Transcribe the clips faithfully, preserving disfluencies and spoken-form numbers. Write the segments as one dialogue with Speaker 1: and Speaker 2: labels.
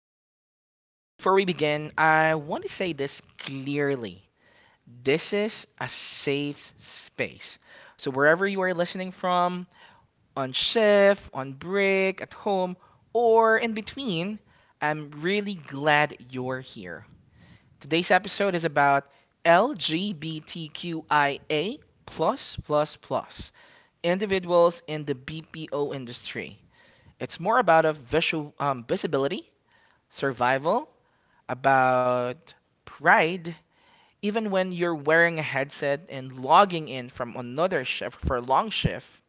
Speaker 1: podcast. Before we begin, I want to say this clearly. This is a safe space. So, wherever you are listening from, on shift, on break, at home, or in between, I'm really glad you're here. Today's episode is about LGBTQIA plus plus plus individuals in the B P O industry. It's more about a visual um, visibility, survival, about pride. Even when you're wearing a headset and logging in from another shift for a long shift,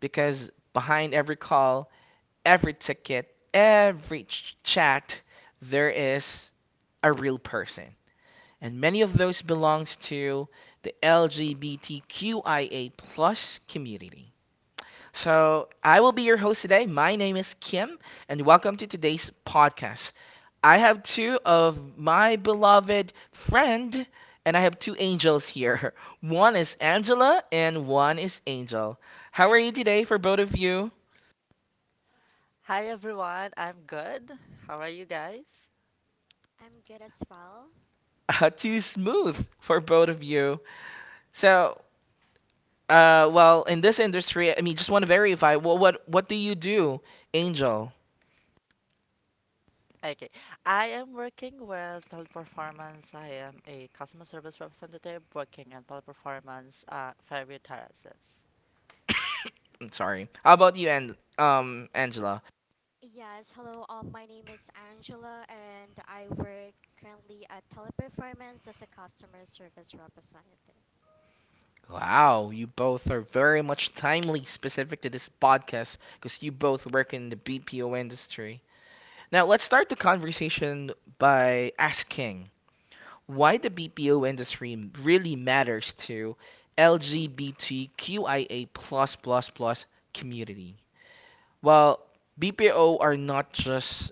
Speaker 1: because behind every call, every ticket, every ch- chat, there is a real person. And many of those belongs to the LGBTQIA plus community. So, I will be your host today. My name is Kim, and welcome to today's podcast. I have two of my beloved friend, and I have two angels here. One is Angela, and one is Angel. How are you today for both of you?
Speaker 2: Hi everyone, I'm good. How are you guys?
Speaker 3: I'm good as well.
Speaker 1: Uh, too smooth for both of you. So, uh, well, in this industry, I mean, just want to verify. What, what, what do you do, Angel?
Speaker 2: Okay, I am working with Teleperformance. I am a customer service representative working at Teleperformance uh, Fairview Terraces.
Speaker 1: I'm sorry. How about you, and um, Angela?
Speaker 3: Yes, hello. Um, my name is Angela, and I work currently at Teleperformance as a customer service representative.
Speaker 1: Wow, you both are very much timely specific to this podcast because you both work in the B P O industry. Now, let's start the conversation by asking why the B P O industry really matters to LGBTQIA community. Well, B P O are not just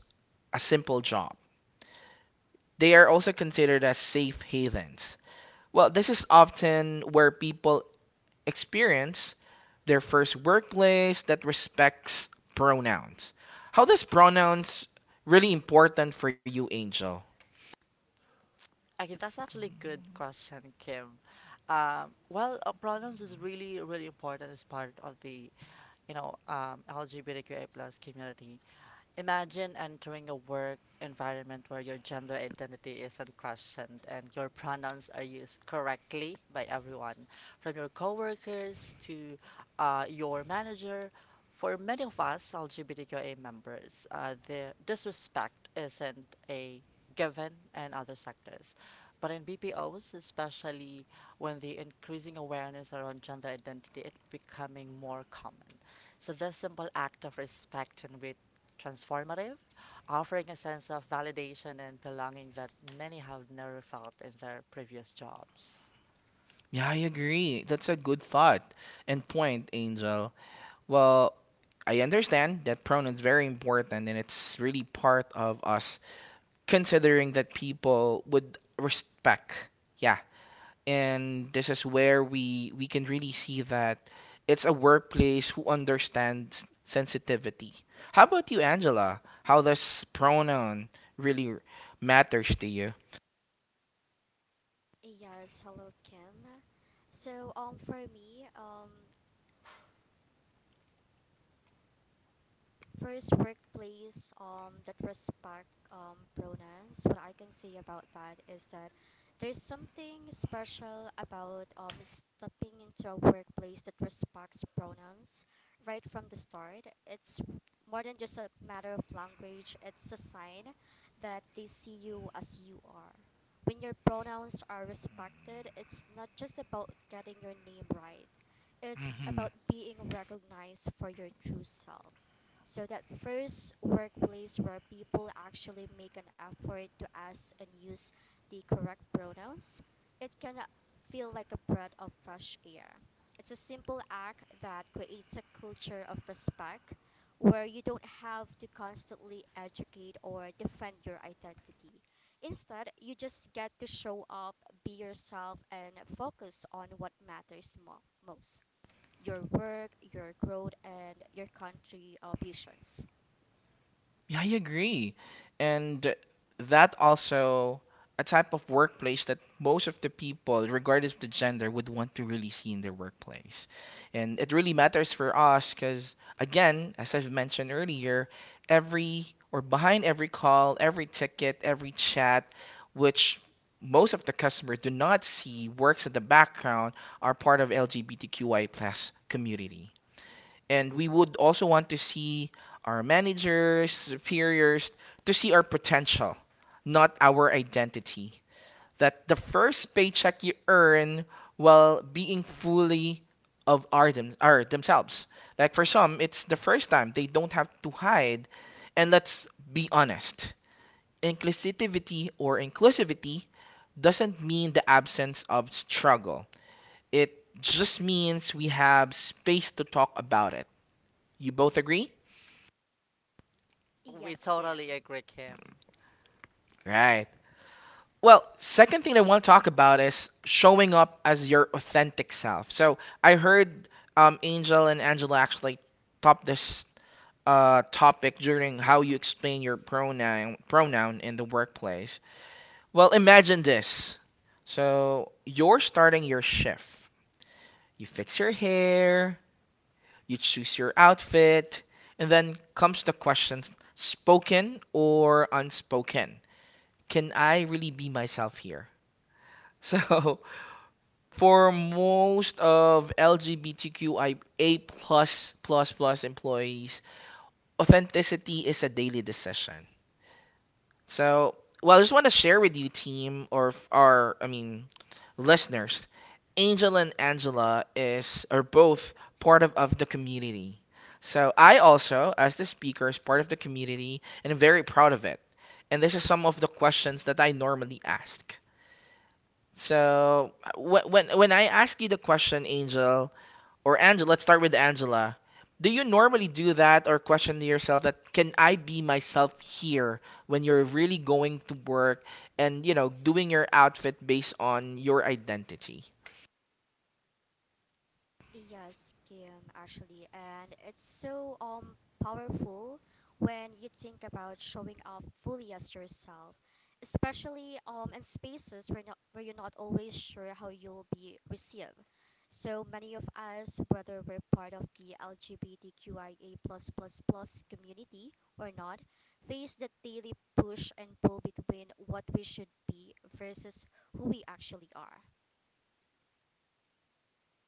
Speaker 1: a simple job. They are also considered as safe havens. Well, this is often where people experience their first workplace that respects pronouns. How does pronouns really important for you, Angel?
Speaker 2: Okay, that's actually a good question, Kim. Um, well, uh, pronouns is really, really important as part of the, you know, um, LGBTQI plus community. Imagine entering a work environment where your gender identity is not questioned and your pronouns are used correctly by everyone, from your coworkers to uh, your manager. For many of us LGBTQA members, uh, the disrespect isn't a given in other sectors. But in B P Os, especially when the increasing awareness around gender identity is becoming more common. So this simple act of respect and transformative, offering a sense of validation and belonging that many have never felt in their previous jobs.
Speaker 1: Yeah, I agree. That's a good thought and point, Angel. Well, I understand that pronouns very important and it's really part of us considering that people would respect, yeah, and this is where we we can really see that it's a workplace who understands sensitivity. How about you, Angela? How does pronoun really matters to you?
Speaker 3: Yes, hello, Kim. So, um, for me, um, first workplace um that respect um pronouns. What I can say about that is that there's something special about um stepping into a workplace that respects pronouns right from the start. It's more than just a matter of language. It's a sign that they see you as you are. When your pronouns are respected, it's not just about getting your name right. It's about being recognized for your true self. So that first workplace where people actually make an effort to ask and use the correct pronouns, it can feel like a breath of fresh air. It's a simple act that creates a culture of respect where you don't have to constantly educate or defend your identity. Instead, you just get to show up, be yourself, and focus on what matters mo- most, your work, your growth, and your country uh, visions.
Speaker 1: Yeah, I agree. And that also a type of workplace that most of the people, regardless of the gender, would want to really see in their workplace. And it really matters for us because, again, as I've mentioned earlier, every or behind every call, every ticket, every chat, which most of the customers do not see works in the background are part of LGBTQI plus community. And we would also want to see our managers, superiors, to see our potential, not our identity. That the first paycheck you earn while being fully of our, them, are themselves. Like for some, it's the first time they don't have to hide. And let's be honest, inclusivity or inclusivity doesn't mean the absence of struggle. It just means we have space to talk about it. You both agree?
Speaker 2: We
Speaker 3: Yes, Kim.
Speaker 2: totally agree, Kim.
Speaker 1: Right. Well, second thing I want to talk about is showing up as your authentic self. So I heard um, Angel and Angela actually top this uh, topic during how you explain your pronoun pronoun in the workplace. Well, imagine this. So you're starting your shift. You fix your hair, you choose your outfit, and then comes the question, spoken or unspoken. Can I really be myself here? So for most of LGBTQIA plus plus plus employees, authenticity is a daily decision. So, well, I just want to share with you, team, or f- our, I mean, listeners. Angel and Angela is are both part of, of the community. So I also, as the speaker, is part of the community and I'm very proud of it. And this is some of the questions that I normally ask. So when when when I ask you the question, Angel, or Angela, let's start with Angela. Do you normally do that or question to yourself that can I be myself here when you're really going to work and you know doing your outfit based on your identity?
Speaker 3: Yes, Kim, actually, and it's so um powerful when you think about showing up fully as yourself, especially um in spaces where not where you're not always sure how you'll be received. So many of us, whether we're part of the LGBTQIA plus plus plus community or not, face the daily push and pull between what we should be versus who we actually are.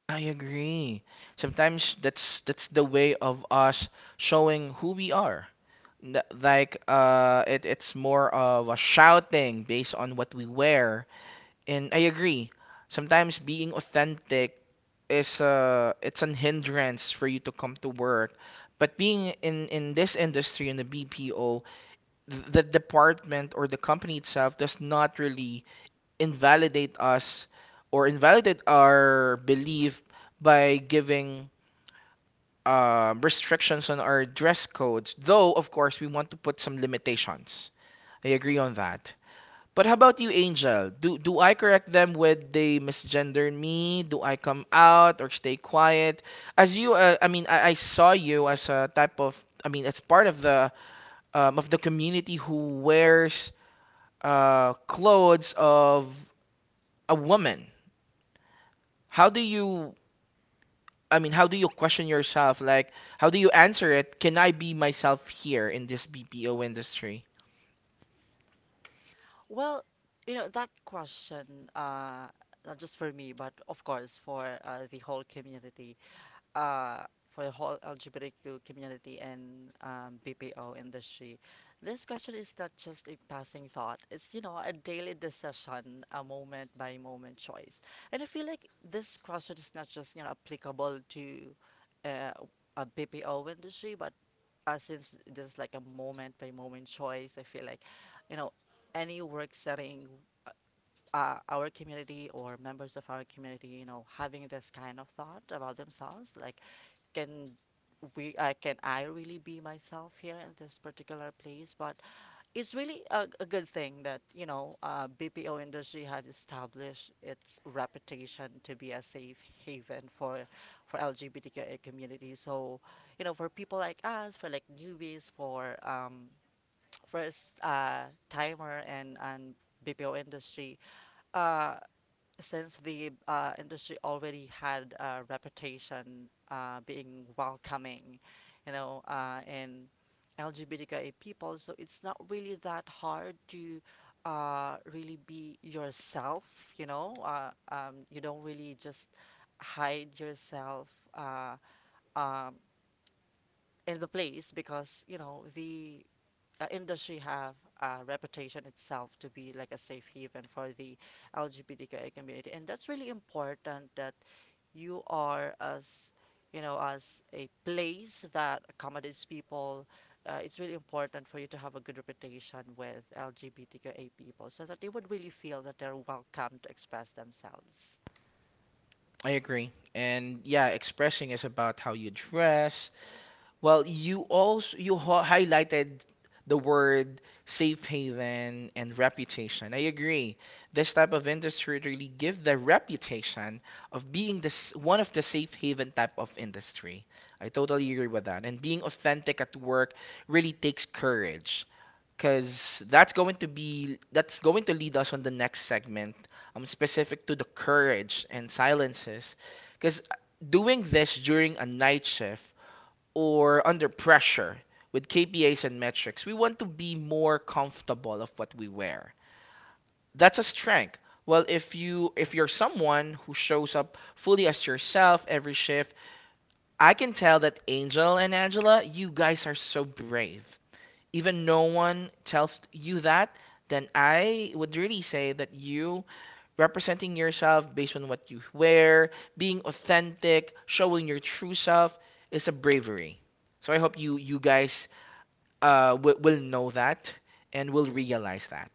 Speaker 1: I agree. Sometimes that's that's the way of us showing who we are. N- Like uh it, it's more of a shouting based on what we wear. And I agree. Sometimes being authentic is a it's an hindrance for you to come to work. But being in in this industry in the B P O, th- the department or the company itself does not really invalidate us or invalidate our belief by giving um, restrictions on our dress codes. Though of course we want to put some limitations. I agree on that. But how about you, Angel? Do do I correct them when they misgender me? Do I come out or stay quiet? As you, uh, I mean, I, I saw you as a type of, I mean, as part of the um, of the community who wears uh, clothes of a woman. How do you, I mean, how do you question yourself? Like, how do you answer it? Can I be myself here in this B P O industry?
Speaker 2: Well, you know, that question, uh, not just for me, but of course for uh, the whole community, uh, for the whole L G B T Q community and um, B P O industry. This question is not just a passing thought. It's, you know, a daily decision, a moment by moment choice. And I feel like this question is not just, you know, applicable to uh, a B P O industry, but uh, since this is like a moment by moment choice, I feel like, you know, any work setting, uh, uh, our community or members of our community, you know, having this kind of thought about themselves, like can we uh, can I really be myself here in this particular place? But it's really a, a good thing that you know uh, B P O industry have established its reputation to be a safe haven for for LGBTQA community. So you know for people like us, for like newbies, for um, first uh, timer and and B P O industry. Uh, since the uh, industry already had a reputation uh, being welcoming, you know, uh, and LGBTQIA people, so it's not really that hard to uh, really be yourself, you know. Uh, um, you don't really just hide yourself uh, um, in the place because, you know, the uh, industry have a reputation itself to be like a safe haven for the LGBTQI community, and that's really important that you are as you know as a place that accommodates people. Uh, it's really important for you to have a good reputation with LGBTQA people, so that they would really feel that they're welcome to express themselves.
Speaker 1: I agree. And yeah, expressing is about how you dress. Well, you also you ho- highlighted the word safe haven and reputation. I agree. This type of industry really give the reputation of being this one of the safe haven type of industry. I totally agree with that. And being authentic at work really takes courage because that's going to be that's going to lead us on the next segment, um, specific to the courage and silences because doing this during a night shift or under pressure with K P Is and metrics, we want to be more comfortable of what we wear. That's a strength. Well, if you if you're someone who shows up fully as yourself every shift, I can tell that Angel and Angela, you guys are so brave. Even no one tells you that, then I would really say that you representing yourself based on what you wear, being authentic, showing your true self is a bravery. So I hope you you guys uh, will, will know that and will realize that.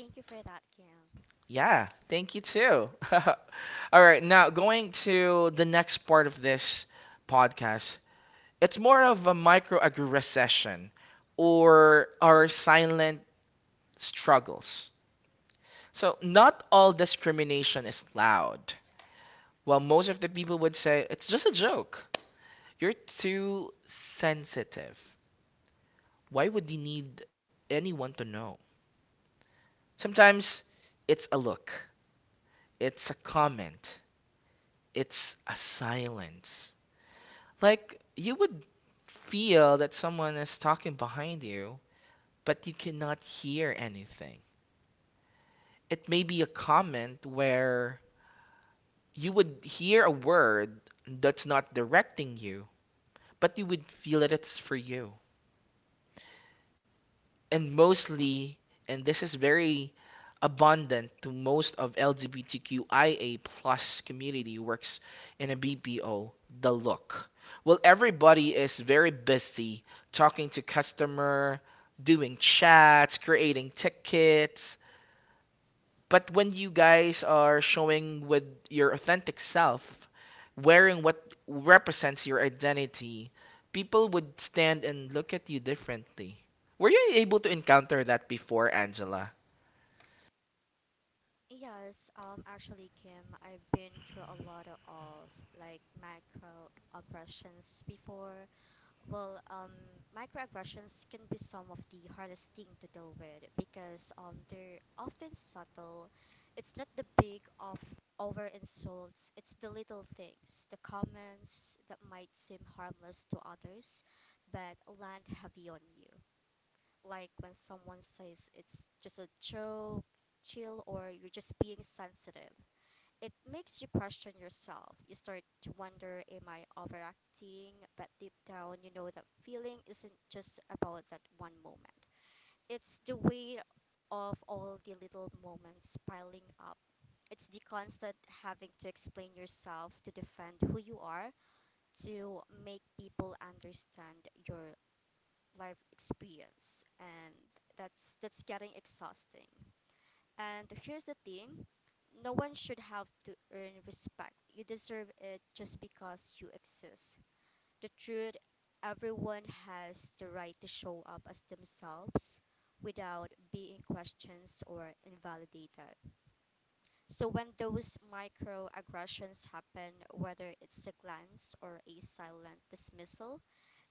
Speaker 3: Thank you for that, Kim.
Speaker 1: Yeah, thank you too. All right, now going to the next part of this podcast. It's more of a microaggression or our silent struggles. So, not all discrimination is loud. Well, most of the people would say it's just a joke. You're too sensitive. Why would you need anyone to know? Sometimes it's a look. It's a comment. It's a silence. Like you would feel that someone is talking behind you, but you cannot hear anything. It may be a comment where you would hear a word that's not directing you, but you would feel that it's for you. And mostly, and this is very abundant to most of LGBTQIA plus community works in a BPO, the look. Well, everybody is very busy talking to customer, doing chats, creating tickets, but when you guys are showing with your authentic self, wearing what represents your identity, people would stand and look at you differently. Were you able to encounter that before, Angela?
Speaker 3: Yes, um, actually, Kim, I've been through a lot of like microaggressions before. Well, um, Microaggressions can be some of the hardest thing to deal with because um, they're often subtle. It's not the big of over insults, it's the little things, the comments that might seem harmless to others, but land heavy on you like when someone says it's just a joke, chill, or you're just being sensitive. It makes you question yourself. You start to wonder, am I overacting? But deep down, you know that feeling isn't just about that one moment, it's the weight of all the little moments piling up. It's the constant having to explain yourself, to defend who you are, to make people understand your life experience, and that's that's getting exhausting. And here's the thing, no one should have to earn respect. You deserve it just because you exist. The truth, everyone has the right to show up as themselves without being questioned or invalidated. So when those microaggressions happen, whether it's a glance or a silent dismissal,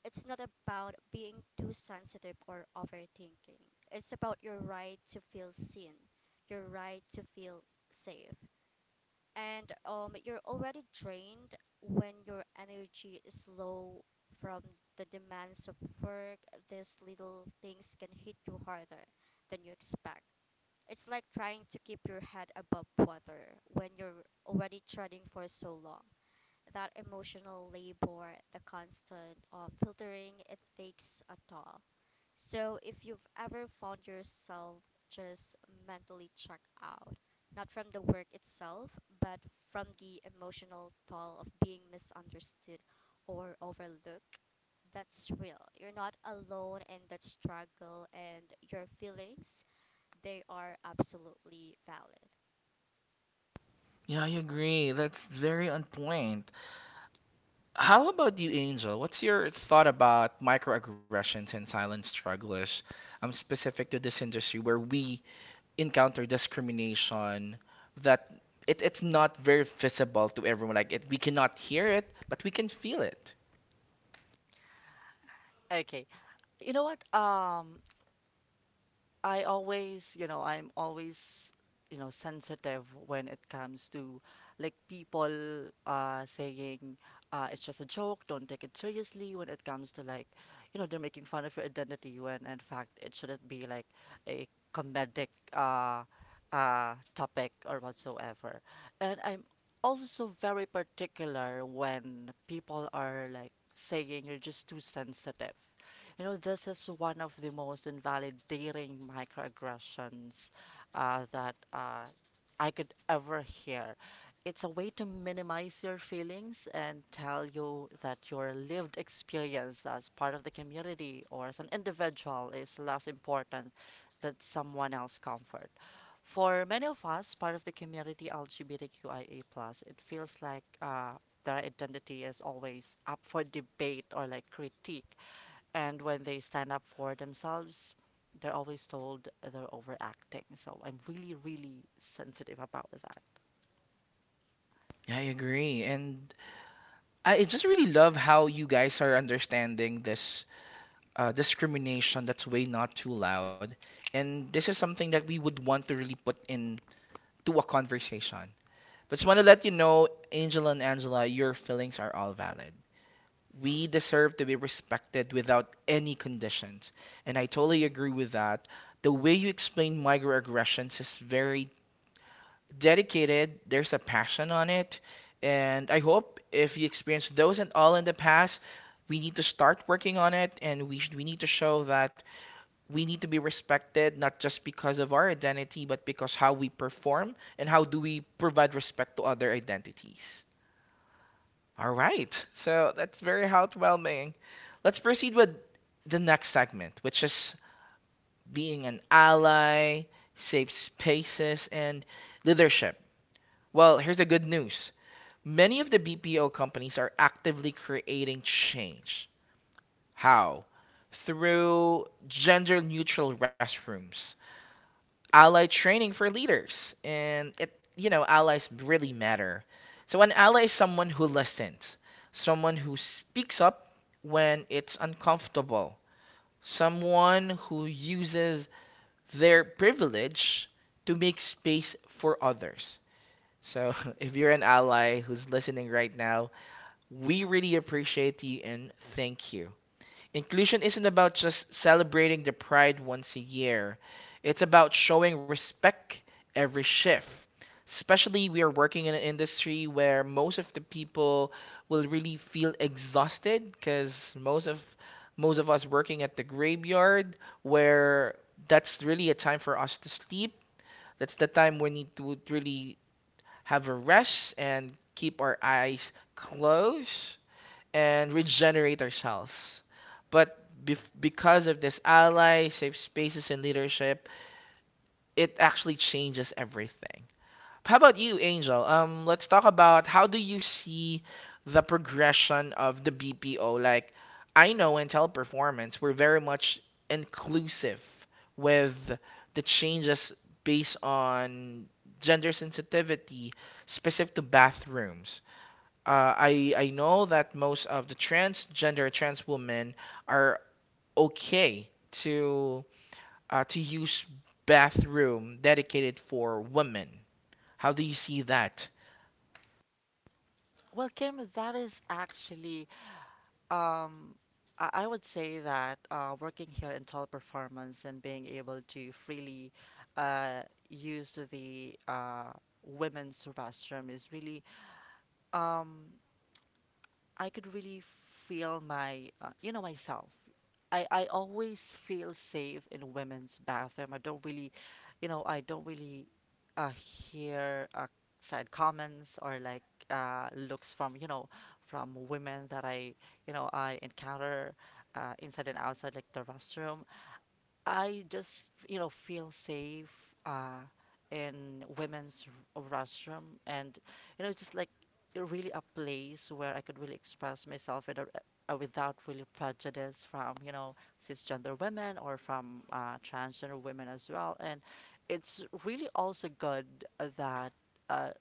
Speaker 3: it's not about being too sensitive or overthinking. It's about your right to feel seen, your right to feel safe. And um, you're already drained when your energy is low from the demands of work. These little things can hit you harder than you expect. It's like trying to keep your head above water when you're already treading for so long that emotional labor, the constant um, filtering, it takes a toll. So if you've ever found yourself just mentally checked out, not from the work itself, but from the emotional toll of being misunderstood or overlooked, that's real. You're not alone in that struggle, and your feelings, they are absolutely valid.
Speaker 1: Yeah, I agree. That's very on point. How about you, Angel? What's your thought about microaggressions and silent strugglers, um, specific to this industry where we encounter discrimination that it, it's not very visible to everyone. Like it, we cannot hear it, but we can feel it.
Speaker 2: Okay, you know what? Um, I always, you know, I'm always, you know, sensitive when it comes to like people uh saying uh it's just a joke, don't take it seriously when it comes to like, you know, they're making fun of your identity when in fact it shouldn't be like a comedic uh uh topic or whatsoever. And I'm also very particular when people are like saying you're just too sensitive, you know, this is one of the most invalidating microaggressions uh, that uh, I could ever hear. It's a way to minimize your feelings and tell you that your lived experience as part of the community or as an individual is less important than someone else's comfort. For many of us, part of the community LGBTQIA+, it feels like uh, their identity is always up for debate or like critique, and when they stand up for themselves, they're always told they're overacting. So I'm really, really sensitive about that.
Speaker 1: Yeah, I agree. And I I just really love how you guys are understanding this uh, discrimination that's way not too loud. And this is something that we would want to really put in to a conversation. But just want to let you know, Angel and Angela, your feelings are all valid. We deserve to be respected without any conditions. And I totally agree with that. The way you explain microaggressions is very dedicated. There's a passion on it. And I hope if you experienced those and all in the past, we need to start working on it and we, sh- we need to show that we need to be respected not just because of our identity but because how we perform and how do we provide respect to other identities. All right. So that's very heartwarming. Let's proceed with the next segment, which is being an ally, safe spaces, and leadership. Well, here's the good news. Many of the B P O companies are actively creating change. How? Through gender neutral restrooms, ally training for leaders, and it, you know, allies really matter. So an ally is someone who listens, someone who speaks up when it's uncomfortable, someone who uses their privilege to make space for others. So if you're an ally who's listening right now, we really appreciate you and thank you. Inclusion isn't about just celebrating the pride once a year. It's about showing respect every shift. Especially we are working in an industry where most of the people will really feel exhausted because most of most of us working at the graveyard where that's really a time for us to sleep. That's the time we need to really have a rest and keep our eyes closed and regenerator's house. But bef because of this ally, safe spaces, and leadership, it actually changes everything. How about you, Angel? Um, let's talk about how do you see the progression of the B P O? Like, I know in teleperformance, we're very much inclusive with the changes based on gender sensitivity specific to bathrooms. Uh, I I know that most of the transgender trans women are okay to uh, to use bathroom dedicated for women. How do you see that?
Speaker 2: Well, Kim, that is actually, um, I I would say that uh, working here in Teleperformance and being able to freely uh, use the uh, women's restroom is really, um, I could really feel my, uh, you know, myself. I, I always feel safe in women's bathroom. I don't really, you know, I don't really uh, hear uh, side comments or like uh, looks from, you know, from women that I, you know, I encounter uh, inside and outside like the restroom. I just, you know, feel safe uh, in women's r- restroom, and you know, it's just like really a place where I could really express myself without uh, without really prejudice from you know cisgender women or from uh, transgender women as well. And it's really also good that. Uh,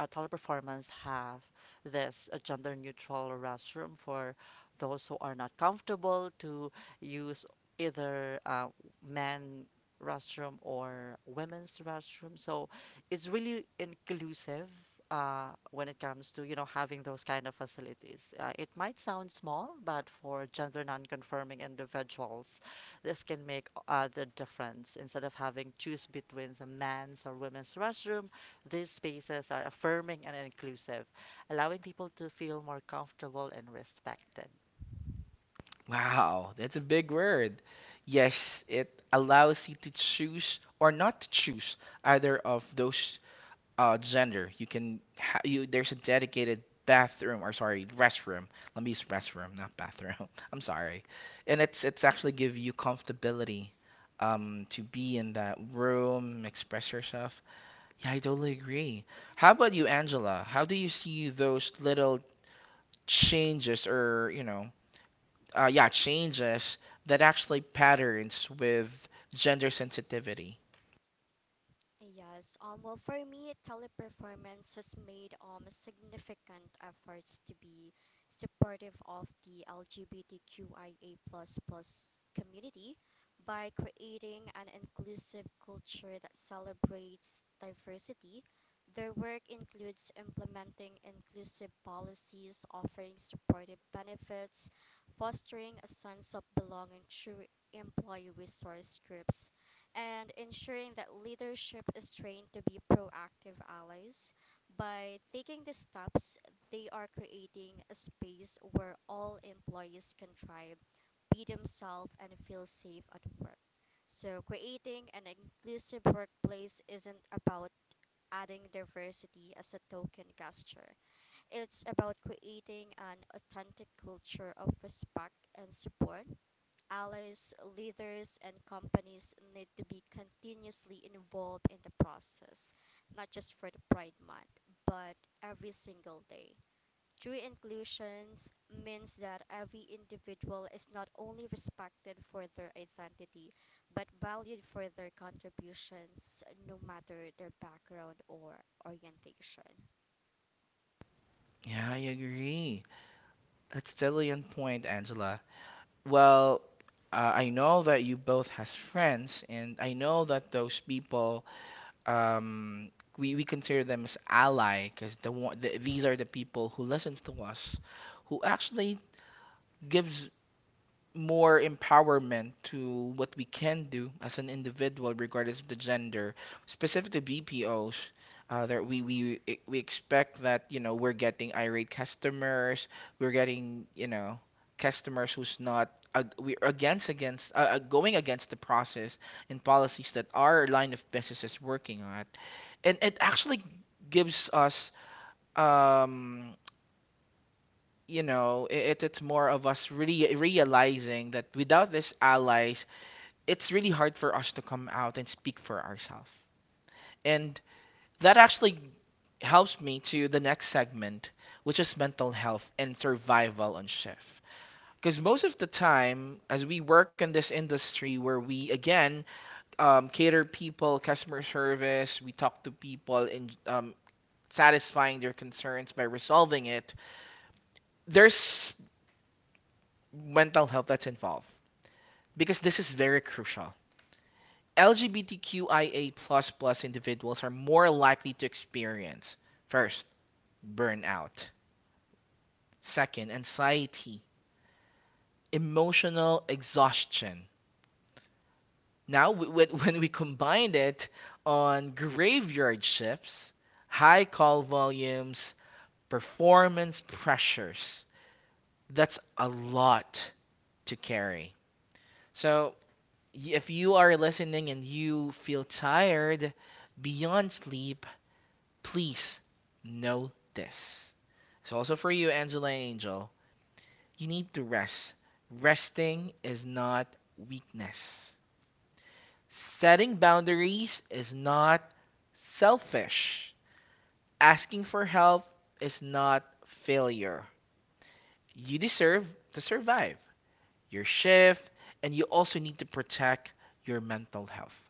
Speaker 2: uh, Toddler Performance have this uh, gender neutral restroom for those who are not comfortable to use either uh, men restroom or women's restroom. So it's really inclusive uh, when it comes to you know having those kind of facilities. Uh, it might sound small, but for gender non-conforming individuals, this can make uh, the difference. Instead of having choose between the men's or women's restroom, these spaces are affirming and inclusive, allowing people to feel more comfortable and respected.
Speaker 1: Wow, that's a big word. Yes, it allows you to choose or not to choose either of those uh, gender, you can ha- you there's a dedicated bathroom or sorry restroom. Let me use restroom, not bathroom. I'm sorry, and it's it's actually give you comfortability um, to be in that room, express yourself. Yeah, I totally agree. How about you, Angela? How do you see those little changes or you know, uh, yeah, changes that actually patterns with gender sensitivity?
Speaker 3: Yes. Um. Well, for me, Teleperformance has made um significant efforts to be supportive of the LGBTQIA plus plus community by creating an inclusive culture that celebrates diversity. Their work includes implementing inclusive policies, offering supportive benefits, fostering a sense of belonging through employee resource groups, and ensuring that leadership is trained to be proactive allies. By taking these steps, they are creating a space where all employees can thrive, be themselves, and feel safe at work. So, creating an inclusive workplace isn't about adding diversity as a token gesture. It's about creating an authentic culture of respect and support. Allies, leaders, and companies need to be continuously involved in the process, not just for the Pride Month, but every single day. True inclusion means that every individual is not only respected for their identity, but valued for their contributions, no matter their background or orientation.
Speaker 1: Yeah, I agree. That's totally on point, Angela. Well, uh, I know that you both has friends, and I know that those people, um, we, we consider them as ally, because the, one- the, these are the people who listens to us, who actually gives more empowerment to what we can do as an individual, regardless of the gender, specifically B P Os. Uh, that we, we e- we expect that you know we're getting irate customers, we're getting you know customers who's not ag- we're against against uh, uh, going against the process and policies that our line of business is working on, and it actually gives us um, you know, it, it's more of us really realizing that without these allies, it's really hard for us to come out and speak for ourselves. And that actually helps me to the next segment, which is mental health and survival on shift. Because most of the time, as we work in this industry where we again um, cater people, customer service, we talk to people and um, satisfying their concerns by resolving it, there's mental health that's involved because this is very crucial. LGBTQIA plus plus individuals are more likely to experience first, burnout, second, anxiety, emotional exhaustion. Now, when we combine it on graveyard shifts, high call volumes, performance pressures, that's a lot to carry. So, if you are listening and you feel tired beyond sleep, please know this. It's also for you, Angela Angel. You need to rest. Resting is not weakness. Setting boundaries is not selfish. Asking for help is not failure. You deserve to survive your shift, and you also need to protect your mental health.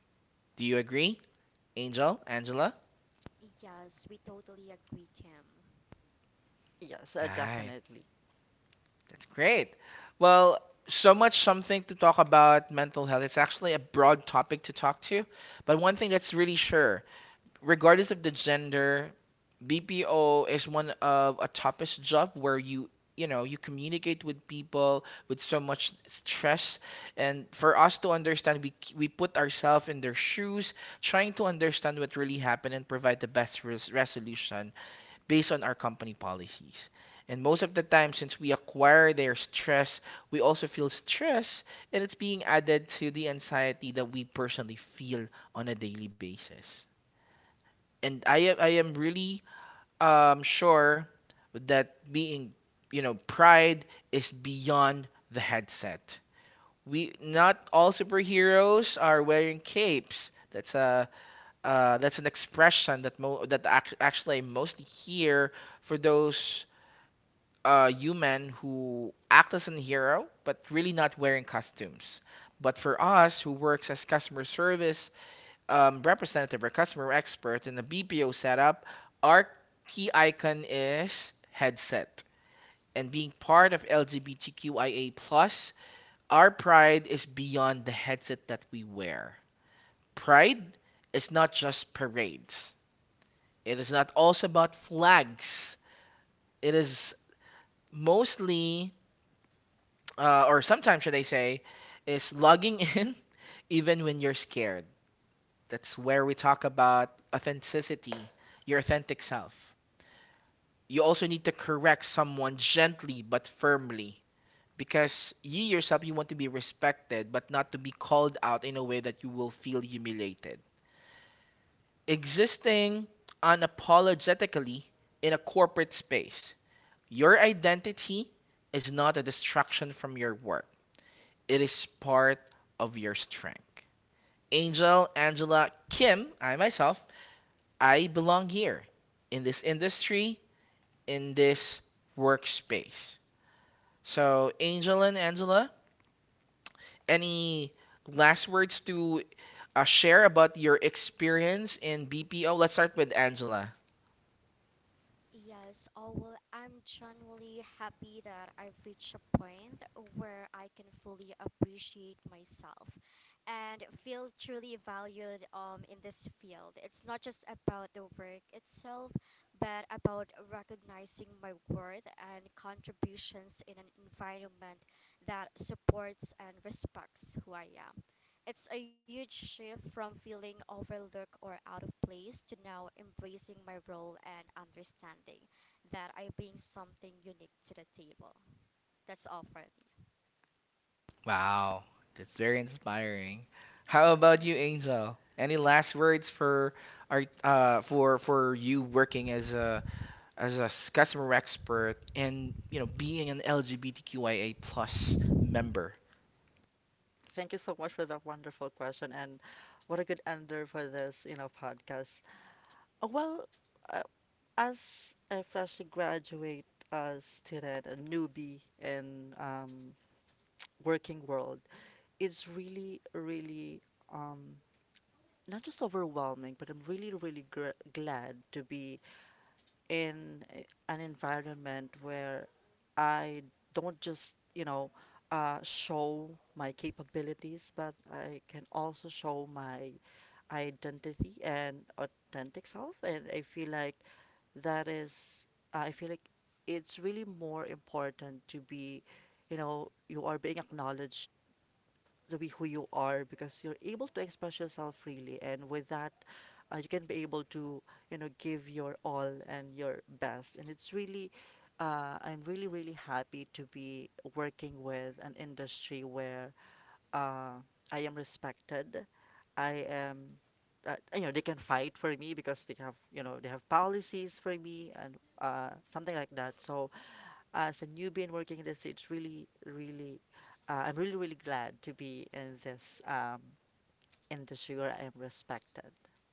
Speaker 1: Do you agree, Angel? Angela?
Speaker 3: Yes, we totally agree, Kim.
Speaker 2: Yes, uh,
Speaker 1: Hi.
Speaker 2: Definitely.
Speaker 1: That's great. Well, so much something to talk about mental health. It's actually a broad topic to talk to, but one thing that's really sure, regardless of the gender, B P O is one of a toughest job where you you know you communicate with people with so much stress and for us to understand we we put ourselves in their shoes trying to understand what really happened and provide the best res- resolution based on our company policies. And most of the time, since we acquire their stress, we also feel stress, and it's being added to the anxiety that we personally feel on a daily basis. And I am, I am really um, sure that being, you know, pride is beyond the headset. We not all superheroes are wearing capes. That's a uh, that's an expression that mo- that ac- actually I mostly hear for those uh, human who act as a hero but really not wearing costumes. But for us who works as customer service um, representative or customer expert in a B P O setup, our key icon is headset. And being part of LGBTQIA plus, our pride is beyond the headset that we wear. Pride is not just parades. It is not also about flags. It is mostly uh, or sometimes should I say, is logging in even when you're scared. That's where we talk about authenticity, your authentic self. You also need to correct someone gently but firmly because you yourself you want to be respected but not to be called out in a way that you will feel humiliated. Existing unapologetically in a corporate space, your identity is not a distraction from your work. It is part of your strength. Angel, Angela, Kim, I myself, I belong here in this industry, in this workspace. So, Angel and Angela, any last words to uh, share about your experience in B P O? Let's start with Angela.
Speaker 3: Yes, oh well, I'm genuinely happy that I've reached a point where I can fully appreciate myself and feel truly valued, um, in this field. It's not just about the work itself, but about recognizing my worth and contributions in an environment that supports and respects who I am. It's a huge shift from feeling overlooked or out of place to now embracing my role and understanding that I bring something unique to the table. That's all for me.
Speaker 1: Wow, that's very inspiring. How about you, Angel? Any last words for our uh, for for you working as a as a s- customer expert and you know being an LGBTQIA plus member.
Speaker 2: Thank you so much for that wonderful question, and what a good ender for this, you know, podcast. Uh, Well, uh, as a freshly graduate uh, student, a newbie in um, working world, it's really, really, um, not just overwhelming, but I'm really, really gr glad to be in a- an environment where I don't just, you know, uh, show my capabilities, but I can also show my identity and authentic self. And I feel like that is, I feel like it's really more important to be, you know, you are being acknowledged to be who you are because you're able to express yourself freely. And with that uh, you can be able to you know give your all and your best. And it's really, uh, I'm really, really happy to be working with an industry where, uh, I am respected. I am uh, You know, they can fight for me because they have, you know, they have policies for me and uh, something like that. So as a newbie in working in this, it's really, really, uh, I'm really, really glad to be in this um, industry where I am respected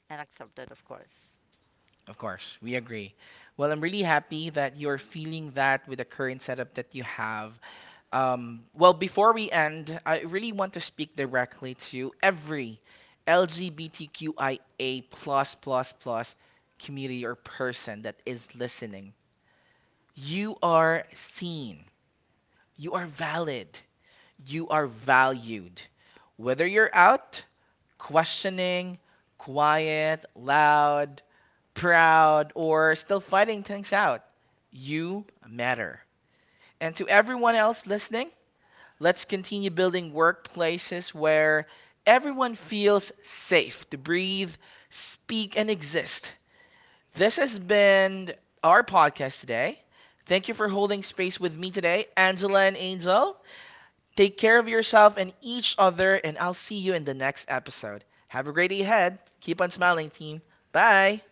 Speaker 2: and accepted, of course.
Speaker 1: Of course, we agree. Well, I'm really happy that you're feeling that with the current setup that you have. Um, well, before we end, I really want to speak directly to every LGBTQIA plus plus plus community or person that is listening. You are seen. You are valid. You are valued. Whether you're out questioning, quiet, loud, proud, or still fighting things out. You matter. And to everyone else listening, let's continue building workplaces where everyone feels safe to breathe, speak, and exist. This has been our podcast today. Thank you for holding space with me today, Angela and Angel. Take care of yourself and each other, and I'll see you in the next episode. Have a great day ahead. Keep on smiling, team. Bye.